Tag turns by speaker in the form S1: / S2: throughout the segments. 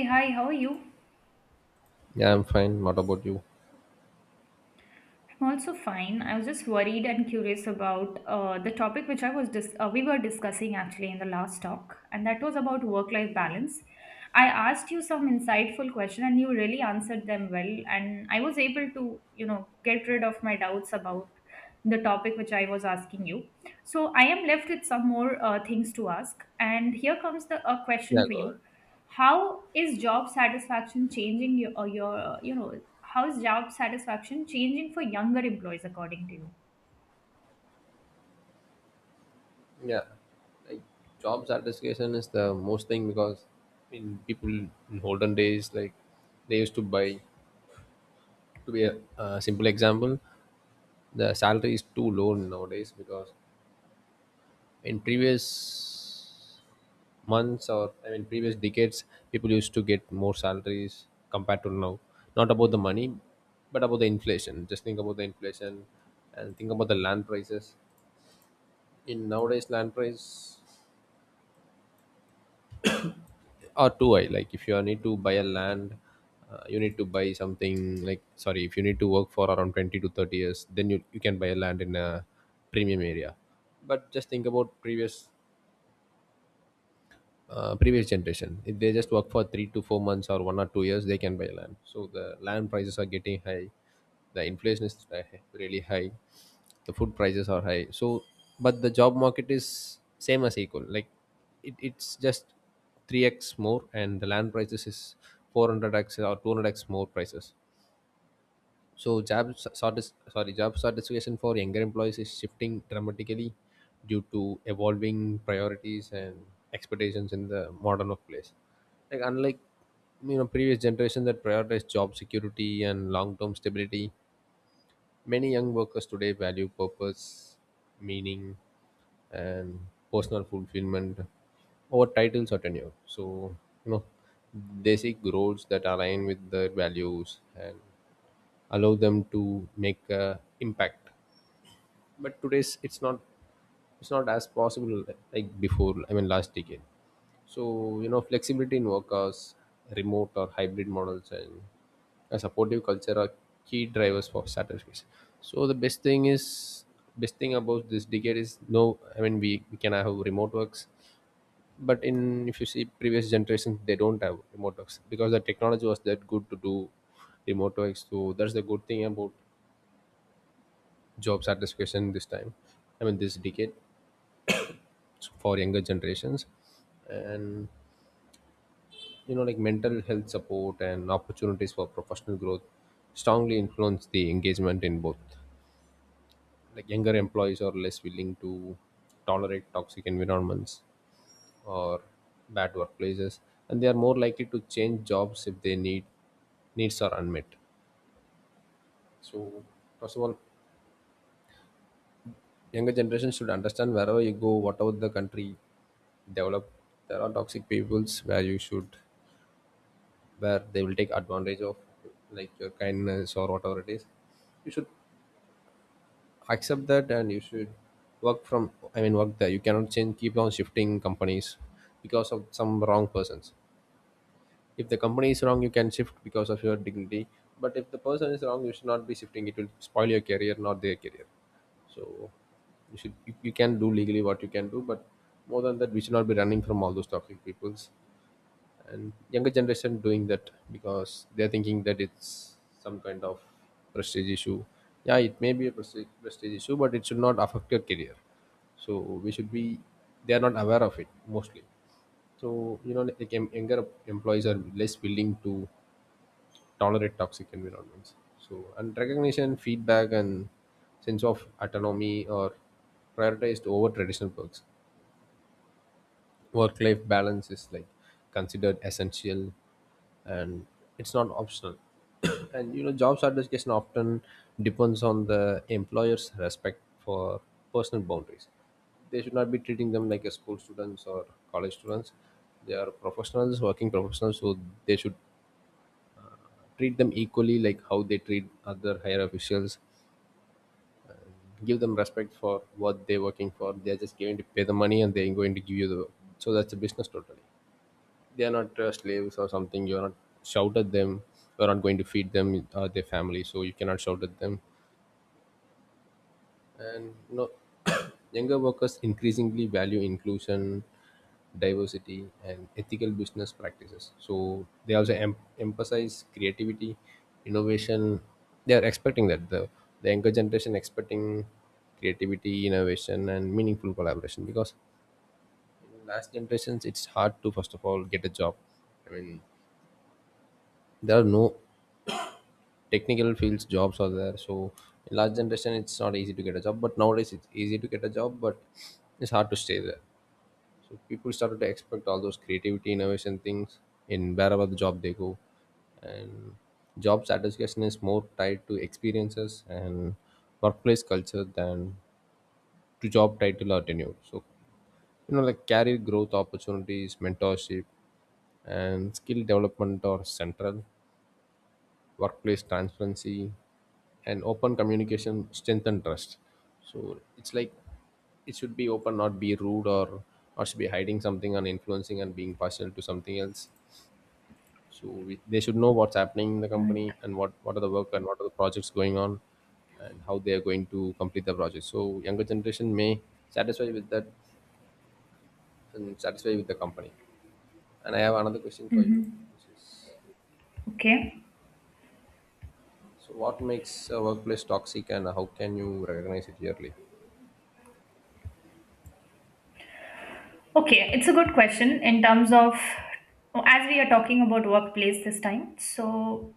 S1: Hey, hi, how are you? I'm
S2: Yeah, I'm fine. What about you?
S1: also fine. I was just worried and curious about the topic which we were discussing actually in the last talk, and that was about work-life balance. I asked you some insightful question, and you really answered them well, and I was able to, you know, get rid of my doubts about the topic which I was asking you. So I am left with some more things to ask, and here comes the a
S2: Yeah,
S1: question for
S2: go ahead.
S1: you. How is job satisfaction changing your you know how's job satisfaction changing for younger employees according to you?
S2: Yeah, like Job satisfaction is the most thing because in people in olden days, like, they used to buy. To be a simple example, the salary is too low nowadays because in previous months, or I mean previous decades, people used to get more salaries compared to now. Not about the money, but about the inflation. Just think about the inflation and think about the land prices. In nowadays land price are too high. Like if you are need to buy a land, you need to buy something like, sorry, if you need to work for around 20 to 30 years, then you can buy a land in a premium area. But just think about previous previous generation. If they just work for 3 to 4 months or 1 or 2 years, they can buy land. So the land prices are getting high. The inflation is really high. The food prices are high. So, but the job market is same as equal. Like it's just 3x more, and the land prices is 400x or 200x more prices. So job satisfaction for younger employees is shifting dramatically due to evolving priorities and expectations in the modern workplace. Like, unlike, you know, previous generation that prioritized job security and long-term stability, many young workers today value purpose, meaning, and personal fulfillment over titles or tenure. So, you know, they seek roles that align with their values and allow them to make a impact, but today's it's not as possible like before, I mean last decade. So, you know, flexibility in work hours, remote or hybrid models, and a supportive culture are key drivers for satisfaction. So the best thing is, best thing about this decade is, no I mean, we can have remote works. But in, if you see previous generations, they don't have remote works because the technology was that good to do remote works. So that's the good thing about job satisfaction this time, I mean this decade, for younger generations. And, you know, like, mental health support and opportunities for professional growth strongly influence the engagement in both. Like, younger employees are less willing to tolerate toxic environments or bad workplaces, and they are more likely to change jobs if their needs are unmet. So first of all, younger generation should understand, wherever you go, whatever the country develop, there are toxic peoples where you should, where they will take advantage of, like your kindness or whatever it is. You should accept that, and you should work from, I mean work there. You cannot change, keep on shifting companies because of some wrong persons. If the company is wrong, you can shift because of your dignity, but if the person is wrong, you should not be shifting. It will spoil your career, not their career. So you should, you can do legally what you can do, but more than that, we should not be running from all those toxic peoples. And younger generation doing that because they're thinking that it's some kind of prestige issue. Yeah, it may be a prestige issue, but it should not affect your career. So we should be, they are not aware of it mostly. So, you know, like, younger employees are less willing to tolerate toxic environments. So, and recognition, feedback, and sense of autonomy are prioritized over traditional perks. Work-life balance is, like, considered essential, and it's not optional. And, you know, job satisfaction often depends on the employer's respect for personal boundaries. They should not be treating them like a school students or college students. They are professionals, working professionals. So they should treat them equally, like how they treat other higher officials. Give them respect for what they're working for. They're just going to pay the money, and they're going to give you the work. So that's a business totally. They are not slaves or something. You're not shout at them. You're not going to feed them or their family, so you cannot shout at them. And, you know, younger workers increasingly value inclusion, diversity, and ethical business practices. So they also emphasize creativity, innovation. They are expecting that the younger generation expecting creativity, innovation, and meaningful collaboration because in last generations, it's hard to first of all get a job. I mean, there are no technical fields jobs are there. So in last generation, it's not easy to get a job, but nowadays it's easy to get a job, but it's hard to stay there. So people started to expect all those creativity, innovation things in wherever the job they go. And job satisfaction is more tied to experiences and workplace culture than to job title or tenure. So, you know, like, career growth opportunities, mentorship, and skill development are central. Workplace transparency and open communication strengthen trust. So it's like, it should be open, not be rude, or not should be hiding something and influencing and being partial to something else. So they should know what's happening in the company
S1: Right.
S2: and what are the work and what are the projects going on, and how they are going to complete the project, so younger generation may satisfy with that and satisfy with the company. And I have another question for you.
S1: Mm-hmm. Okay.
S2: So what makes a workplace toxic, and how can you recognize it early?
S1: Okay, it's a good question in terms of as we are talking about workplace this time. So,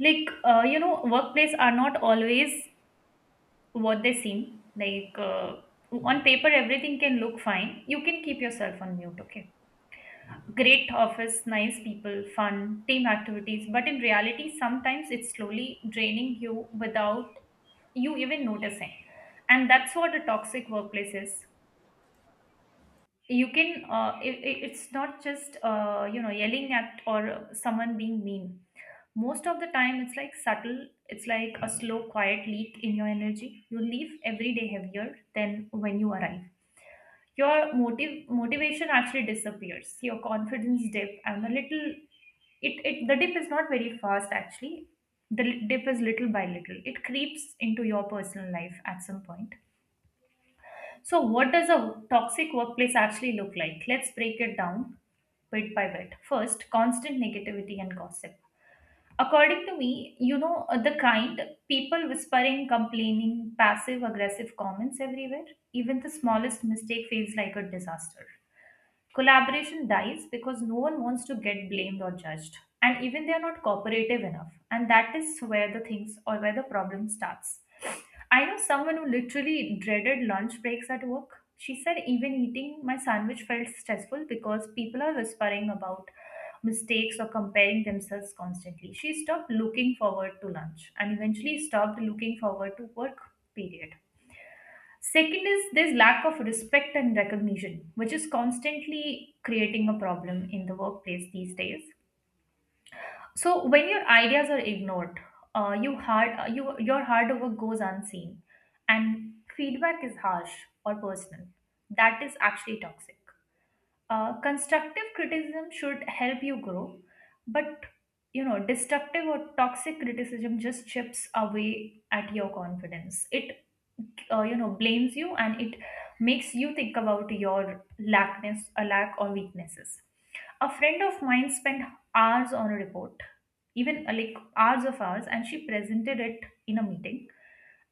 S1: like, you know, workplace are not always what they seem. Like, on paper, everything can look fine. You can keep yourself on mute. Okay. Great office, nice people, fun, team activities. But in reality, sometimes it's slowly draining you without you even noticing, and that's what a toxic workplace is. You can it's not just you know, yelling at or someone being mean. Most of the time it's like subtle, it's like a slow, quiet leak in your energy. You leave every day heavier than when you arrive. Your motive motivation actually disappears, your confidence dip, and the little it, it the dip is not very fast actually. The dip is little by little. It creeps into your personal life at some point. So, what does a toxic workplace actually look like? Let's break it down bit by bit. First, constant negativity and gossip. According to me, you know, the kind people whispering, complaining, passive aggressive comments everywhere, even the smallest mistake feels like a disaster. Collaboration dies because no one wants to get blamed or judged. And even they are not cooperative enough. And that is where the things or where the problem starts. I know someone who literally dreaded lunch breaks at work. She said, even eating my sandwich felt stressful because people are whispering about mistakes or comparing themselves constantly. She stopped looking forward to lunch and eventually stopped looking forward to work, period. Second is there's lack of respect and recognition, which is constantly creating a problem in the workplace these days. So when your ideas are ignored, you your hard work goes unseen, and feedback is harsh or personal. That is actually toxic. Constructive criticism should help you grow, but you know, destructive or toxic criticism just chips away at your confidence. It you know, blames you and it makes you think about your lackness, a lack or weaknesses. A friend of mine spent hours on a report, even like hours of hours, and she presented it in a meeting,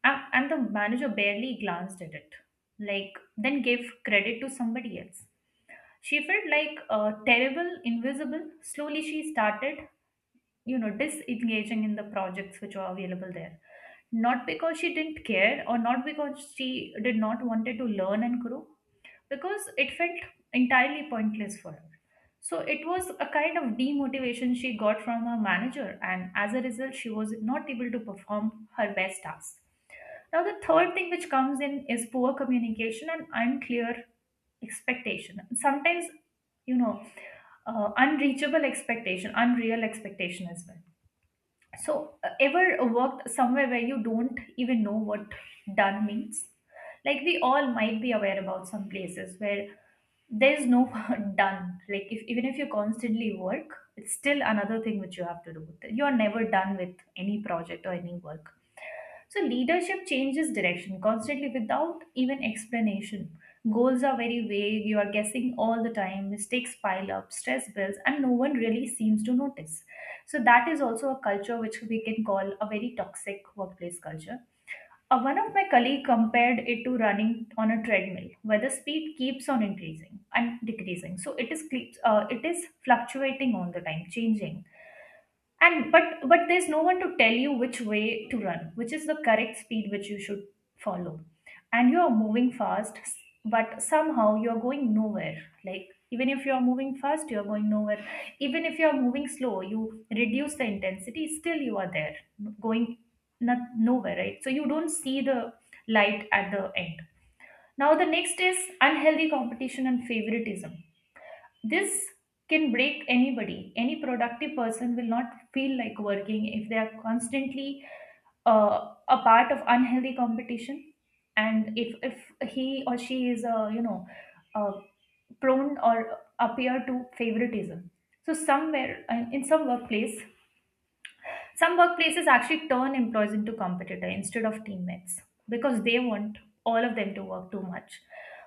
S1: and the manager barely glanced at it, like then gave credit to somebody else. She felt like terrible, invisible. Slowly, she started, you know, disengaging in the projects which were available there. Not because she didn't care or not because she did not wanted to learn and grow, because it felt entirely pointless for her. So it was a kind of demotivation she got from her manager, and as a result, she was not able to perform her best tasks. Now, the third thing which comes in is poor communication and unclear expectation. Sometimes, you know, unreachable expectation, unreal expectation as well. So, ever worked somewhere where you don't even know what done means? Like, we all might be aware about some places where there's no done. Like, if, even if you constantly work, it's still another thing which you have to do. You're never done with any project or any work. So leadership changes direction constantly without even explanation. Goals are very vague, you are guessing all the time, mistakes pile up, stress builds, and no one really seems to notice. So that is also a culture which we can call a very toxic workplace culture. One of my colleague compared it to running on a treadmill, where the speed keeps on increasing and decreasing. So it is keeps it is fluctuating all the time, changing, and but there's no one to tell you which way to run, which is the correct speed which you should follow. And you are moving fast, but somehow you're going nowhere. Like even if you're moving fast, you're going nowhere. Even if you're moving slow, you reduce the intensity, still you are there going not nowhere, right? So you don't see the light at the end. Now the next is unhealthy competition and favoritism. This can break anybody. Any productive person will not feel like working if they are constantly a part of unhealthy competition, and if he or she is a you know, uh, prone or appear to favoritism. So somewhere, in some workplace, some workplaces actually turn employees into competitor instead of teammates because they want all of them to work too much.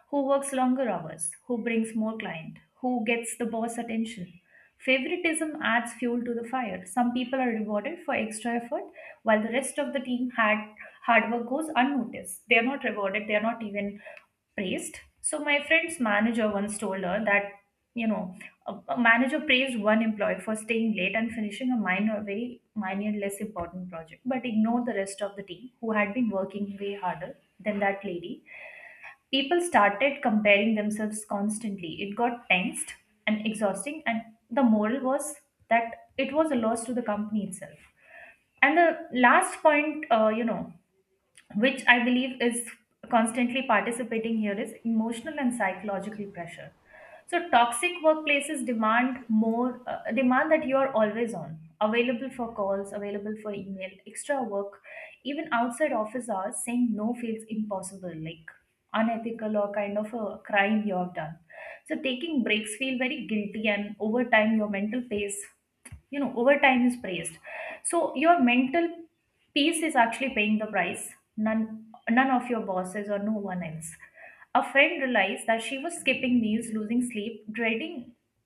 S1: Who works longer hours? Who brings more client? Who gets the boss attention? Favoritism adds fuel to the fire. Some people are rewarded for extra effort while the rest of the team had hard work goes unnoticed. They are not rewarded, they are not even praised. So my friend's manager once told her that, you know, a manager praised one employee for staying late and finishing a minor, very minor, less important project, but ignored the rest of the team who had been working way harder than that lady. People started comparing themselves constantly. It got tensed and exhausting, and the moral was that it was a loss to the company itself. And the last point, you know, which I believe is constantly participating here, is emotional and psychological pressure. So toxic workplaces demand more, demand that you are always on, available for calls, available for email, extra work, even outside office hours. Saying no feels impossible, like unethical or kind of a crime you have done. So taking breaks feel very guilty, and over time your mental pace, you know, over time is praised. So your mental peace is actually paying the price. None, none of your bosses or no one else. A friend realized that she was skipping meals, losing sleep, dreading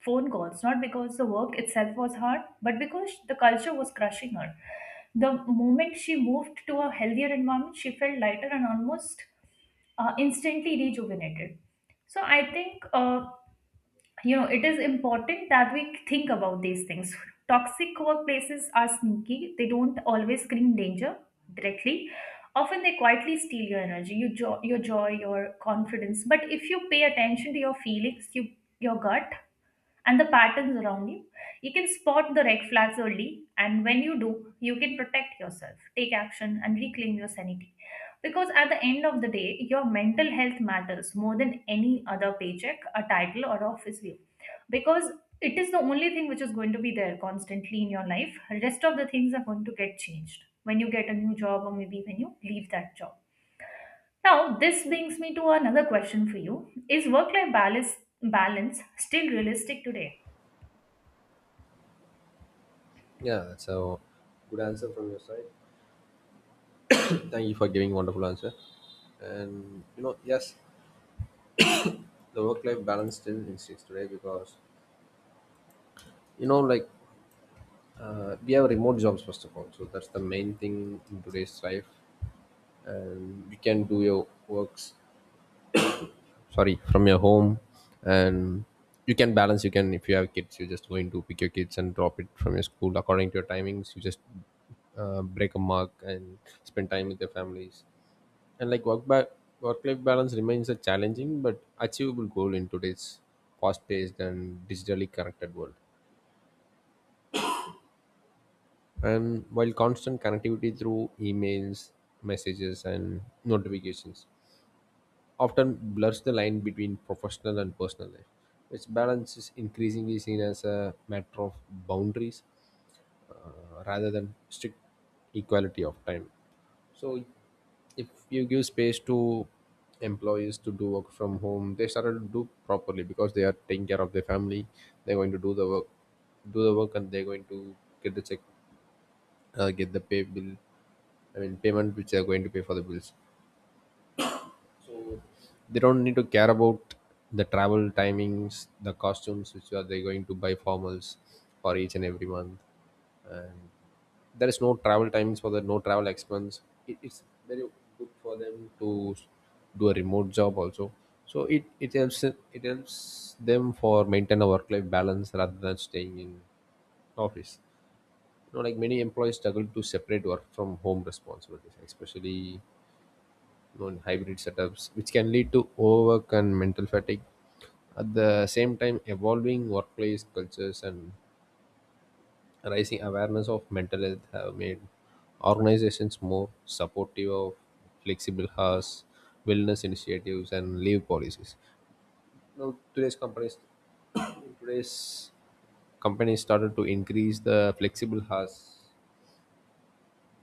S1: phone calls, not because the work itself was hard, but because the culture was crushing her. The moment she moved to a healthier environment, she felt lighter and almost instantly rejuvenated. So I think, you know, it is important that we think about these things. Toxic workplaces are sneaky. They don't always scream danger directly. Often they quietly steal your energy, your joy, your confidence. But if you pay attention to your feelings, you, your gut and the patterns around you, you can spot the red flags early, and when you do, you can protect yourself, take action, and reclaim your sanity. Because at the end of the day, your mental health matters more than any other paycheck, a title, or office view. Because it is the only thing which is going to be there constantly in your life. Rest of the things are going to get changed when you get a new job or maybe when you leave that job. Now, this brings me to another question for you. Is work life balance still realistic today?
S2: Yeah, so good answer from your side. Thank you for giving wonderful answer. And, you know, yes, the work-life balance still exists today because, you know, like, we have remote jobs first of all, so that's the main thing in today's life, and you can do your works, sorry, from your home, and you can balance. You can, if you have kids, you're just going to pick your kids and drop it from your school according to your timings. You just break a mark and spend time with your families. And like, work life balance remains a challenging but achievable goal in today's fast paced and digitally connected world. And while constant connectivity through emails, messages, and notifications often blurs the line between professional and personal life, its balance is increasingly seen as a matter of boundaries, rather than strict equality of time. So if you give space to employees to do work from home, they started to do properly because they are taking care of their family. They're going to do the work, and they're going to get the check, get the pay bill. I mean payment which they are going to pay for the bills. So they don't need to care about the travel timings, the costumes which are they going to buy formals for each and every month, and there is no travel times, for the no travel expense. It's very good for them to do a remote job also. So it helps, it helps them for maintain a work life balance rather than staying in office. You know, like, many employees struggle to separate work from home responsibilities, especially, you know, in hybrid setups, which can lead to overwork and mental fatigue. At the same time, evolving workplace cultures and rising awareness of mental health have made organizations more supportive of flexible hours, wellness initiatives, and leave policies. Now, today's companies, today's companies started to increase the flexible hours,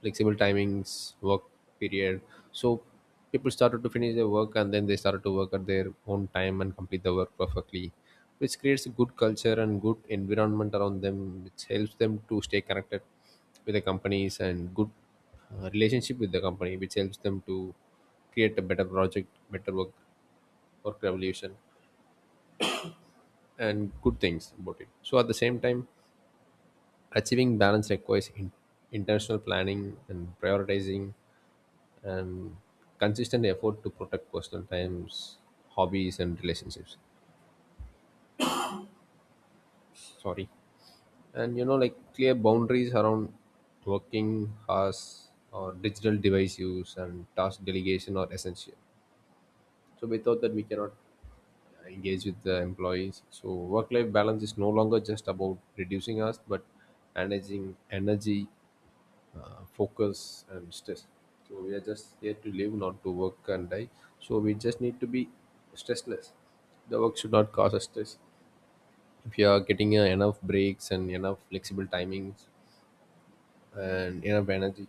S2: flexible timings, work period. So people started to finish their work and then they started to work at their own time and complete the work perfectly, which creates a good culture and good environment around them, which helps them to stay connected with the companies and good relationship with the company, which helps them to create a better project, better work, work revolution, and good things about it. So at the same time, achieving balance requires intentional planning and prioritizing and consistent effort to protect personal times, hobbies, and relationships. Sorry. And, you know, like, clear boundaries around working hours or digital device use and task delegation are essential. So without that, we cannot engage with the employees. So work life balance is no longer just about reducing us, but managing energy, focus, and stress. So we are just here to live, not to work and die. So we just need to be stressless. The work should not cause us stress. If you are getting enough breaks and enough flexible timings and enough energy,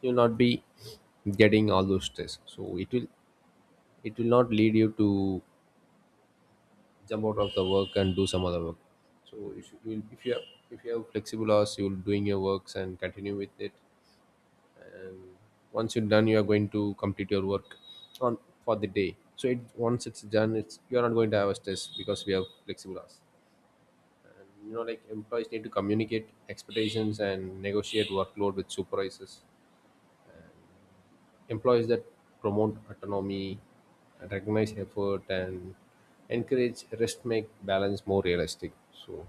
S2: you'll not be getting all those stress. So it will, it will not lead you to jump out of the work and do some other work. So if you have, if you have flexible hours, you'll doing your works and continue with it. And once you're done, you are going to complete your work on, for the day. So it, once it's done, it's, you're not going to have a stress because we have flexible hours. And, you know, like, employees need to communicate expectations and negotiate workload with supervisors. Employees that promote autonomy, recognize effort, and encourage rest make balance more realistic. So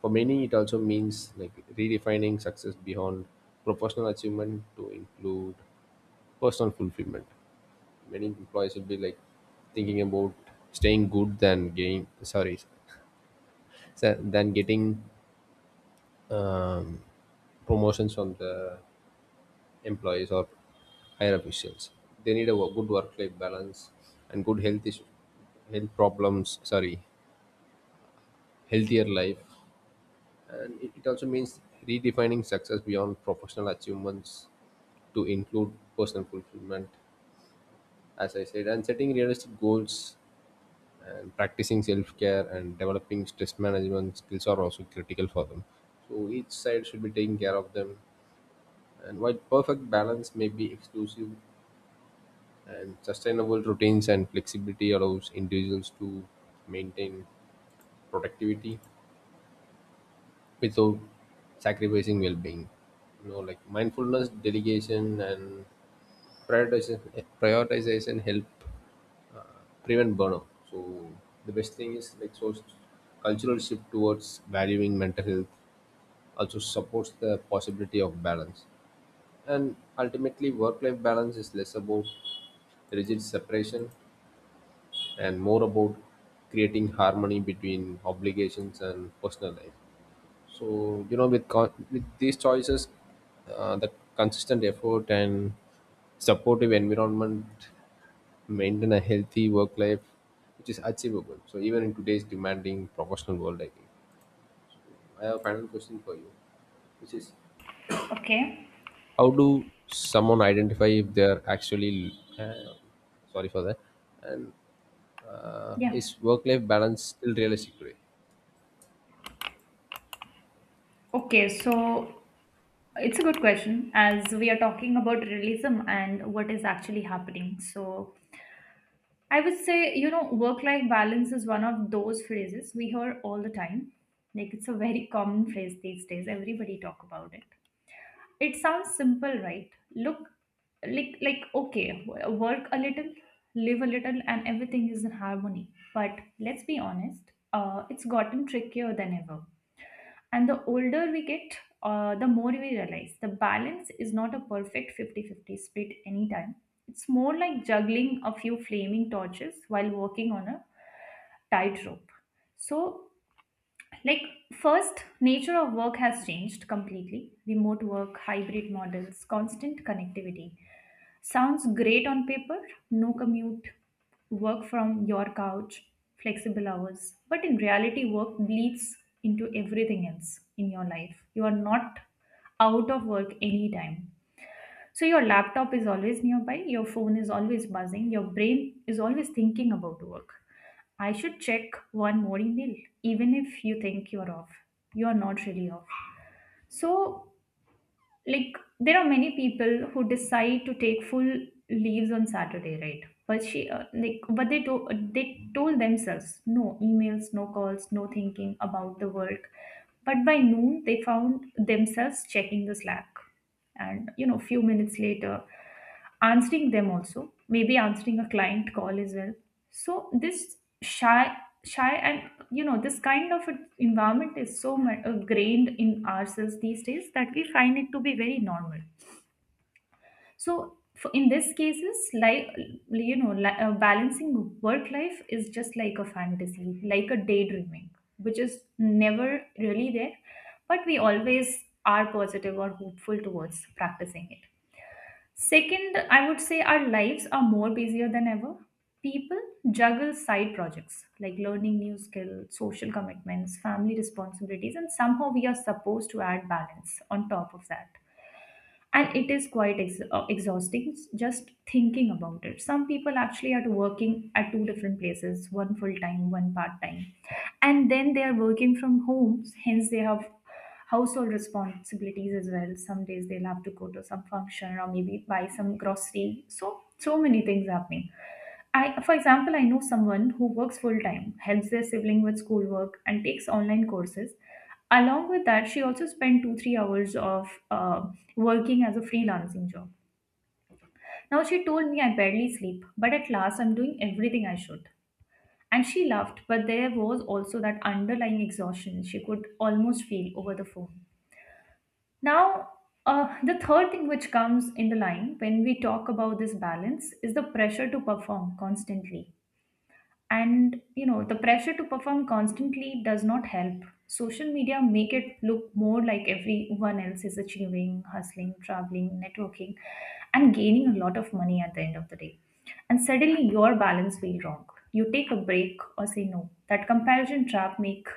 S2: for many, it also means like redefining success beyond professional achievement to include personal fulfillment. Many employees will be like thinking about staying good than getting, sorry, than getting um, promotions from the employees or higher officials. They need a good work life balance and good health issue, health problems, sorry, healthier life. And it also means redefining success beyond professional achievements to include personal fulfillment, as I said, and setting realistic goals and practicing self-care and developing stress management skills are also critical for them. So each side should be taking care of them. And while perfect balance may be exclusive and sustainable routines and flexibility allows individuals to maintain productivity without sacrificing well-being, you know, like, mindfulness, dedication, and prioritization help prevent burnout. So the best thing is like, so, cultural shift towards valuing mental health also supports the possibility of balance. And ultimately, work life balance is less about rigid separation and more about creating harmony between obligations and personal life. So, you know, with, with these choices, the consistent effort and supportive environment maintain a healthy work life, which is achievable so even in today's demanding professional world. I think I have a final question for you, which is,
S1: Okay.
S2: how do someone identify if they are actually uh, sorry for that? And
S1: Yeah.
S2: is work-life balance still realistic today?
S1: Okay, so it's a good question as we are talking about realism and what is actually happening. So I would say, you know, work life balance is one of those phrases we hear all the time. Like it's a very common phrase these days. Everybody talk about it. It sounds simple, right? Look, like okay, work a little, live a little, and everything is in harmony. But let's be honest, it's gotten trickier than ever. And the older we get, the more we realize the balance is not a perfect 50-fifty 50 split anytime. It's more like juggling a few flaming torches while walking on a tightrope. So like, first, nature of work has changed completely. Remote work, hybrid models, constant connectivity. Sounds great on paper, no commute, work from your couch, flexible hours. But in reality, work bleeds into everything else in your life. You are not out of work anytime. So your laptop is always nearby, your phone is always buzzing, your brain is always thinking about work. I should check one more email, even if you think you're off. You're not really off. So like there are many people who decide to take full leaves on Saturday, right? but she like but they to, They told themselves no emails, no calls, no thinking about the work, but by noon they found themselves checking the Slack and, you know, few minutes later answering them also, maybe answering a client call as well. So this shy shy and you know, this kind of a environment is so grained in ourselves these days that we find it to be very normal. So in this cases, like, you know, balancing work life is just like a fantasy, like a daydreaming, which is never really there, but we always are positive or hopeful towards practicing it. Second, I would say our lives are more busier than ever. People juggle side projects like learning new skills, social commitments, family responsibilities, and somehow we are supposed to add balance on top of that. And it is quite exhausting just thinking about it. Some people actually are working at two different places, one full time, one part time, and then they are working from home, hence they have household responsibilities as well. Some days they'll have to go to some function or maybe buy some grocery, so so many things happening. I, for example, I know someone who works full time, helps their sibling with schoolwork, and takes online courses. Along with that, she also spent 2 3 hours of working as a freelancing job. Now she told me I barely sleep, but at last I'm doing everything I should. And she laughed, but there was also that underlying exhaustion she could almost feel over the phone. Now, the third thing which comes in the line when we talk about this balance is the pressure to perform constantly. And you know, the pressure to perform constantly does not help. Social media make it look more like everyone else is achieving, hustling, traveling, networking, and gaining a lot of money at the end of the day. And suddenly your balance feel wrong. You take a break or say no, that comparison trap make,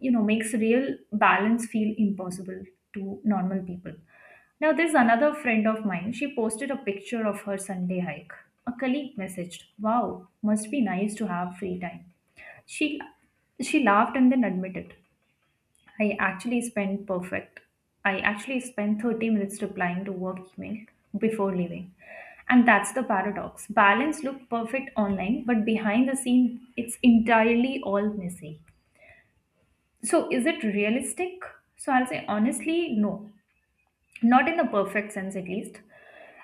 S1: you know, makes real balance feel impossible to normal people. Now there's another friend of mine, she posted a picture of her Sunday hike. A colleague messaged, wow, must be nice to have free time. she she laughed and then admitted, i actually spent perfect I actually spent 30 minutes replying to work email before leaving. And that's the paradox, balance looked perfect online, but behind the scene it's entirely all messy. So, is it realistic? So, I'll say honestly, no, not in the perfect sense at least.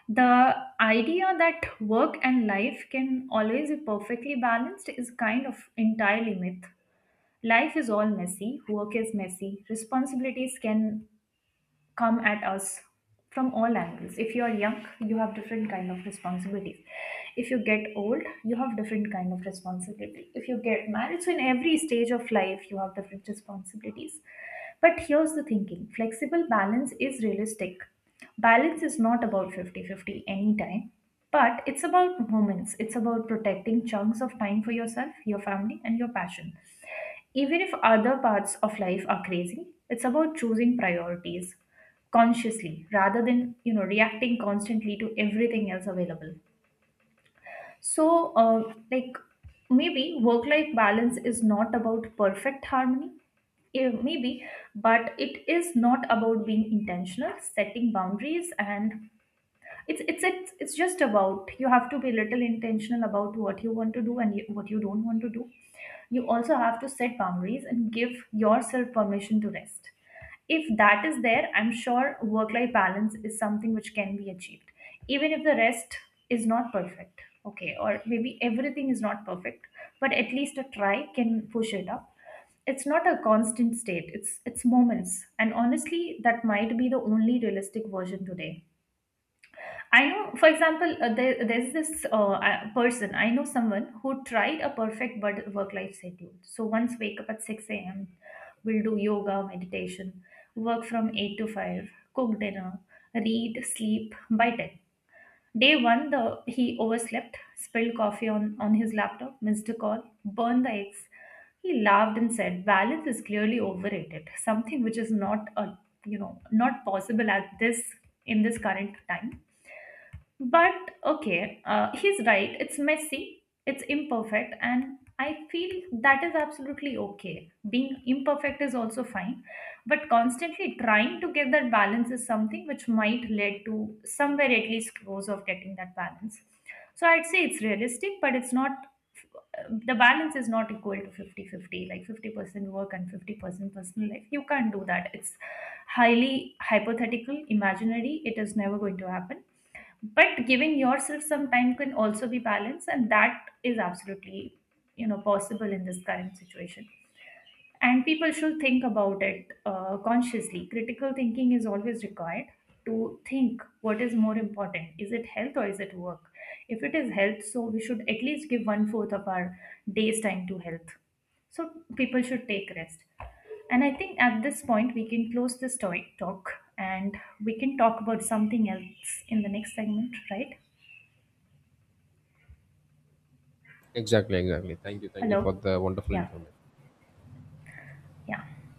S1: The idea that work and life can always be perfectly balanced is kind of entirely myth. Life is all messy, work is messy, responsibilities can come at us from all angles. If you are young you have different kind of responsibilities, if you get old you have different kind of responsibility, if you get married, so in every stage of life you have different responsibilities. But here's the thinking, flexible balance is realistic. Balance is not about 50 fifty 50 anytime, but it's about moments. It's about protecting chunks of time for yourself, your family, and your passion, even if other parts of life are crazy. It's about choosing priorities consciously rather than, you know, reacting constantly to everything else available. So like, maybe work life balance is not about perfect harmony. Maybe, but it is not about being intentional, setting boundaries, and it's just about, you have to be little intentional about what you want to do and what you don't want to do. You also have to set boundaries and give yourself permission to rest. If that is there, I'm sure work life balance is something which can be achieved, even if the rest is not perfect, okay, or maybe everything is not perfect. But at least a try can push it up. It's not a constant state, it's moments, and honestly that might be the only realistic version today. I know, for example, there's this person, I know someone who tried a perfect work life schedule. So once wake up at 6 a.m., will do yoga, meditation, work from 8 to 5, cook dinner, read, sleep by 10. Day one, the he overslept, spilled coffee on his laptop, missed a call, burned the eggs. He laughed and said, balance is clearly overrated, something which is not a, you know, not possible at this, in this current time. But okay, he's right. It's messy, it's imperfect, and I feel that is absolutely okay. Being imperfect is also fine, but constantly trying to get that balance is something which might lead to somewhere at least close of getting that balance. So I'd say it's realistic, but it's not, the balance is not equal to 50-50, like 50% work and 50% personal life. You can't do that, it's highly hypothetical, imaginary, it is never going to happen. But giving yourself some time can also be balanced, and that is absolutely, you know, possible in this current situation. And people should think about it, consciously. Critical thinking is always required to think what is more important, is it health or is it work. If it is health, so we should at least give one fourth of our day's time to health. So people should take rest, and I think at this point we can close this talk, and we can talk about something else in the next segment, right?
S2: Exactly, exactly. Thank you for
S1: Hello.
S2: the wonderful
S1: Yeah.
S2: information.
S1: Yeah.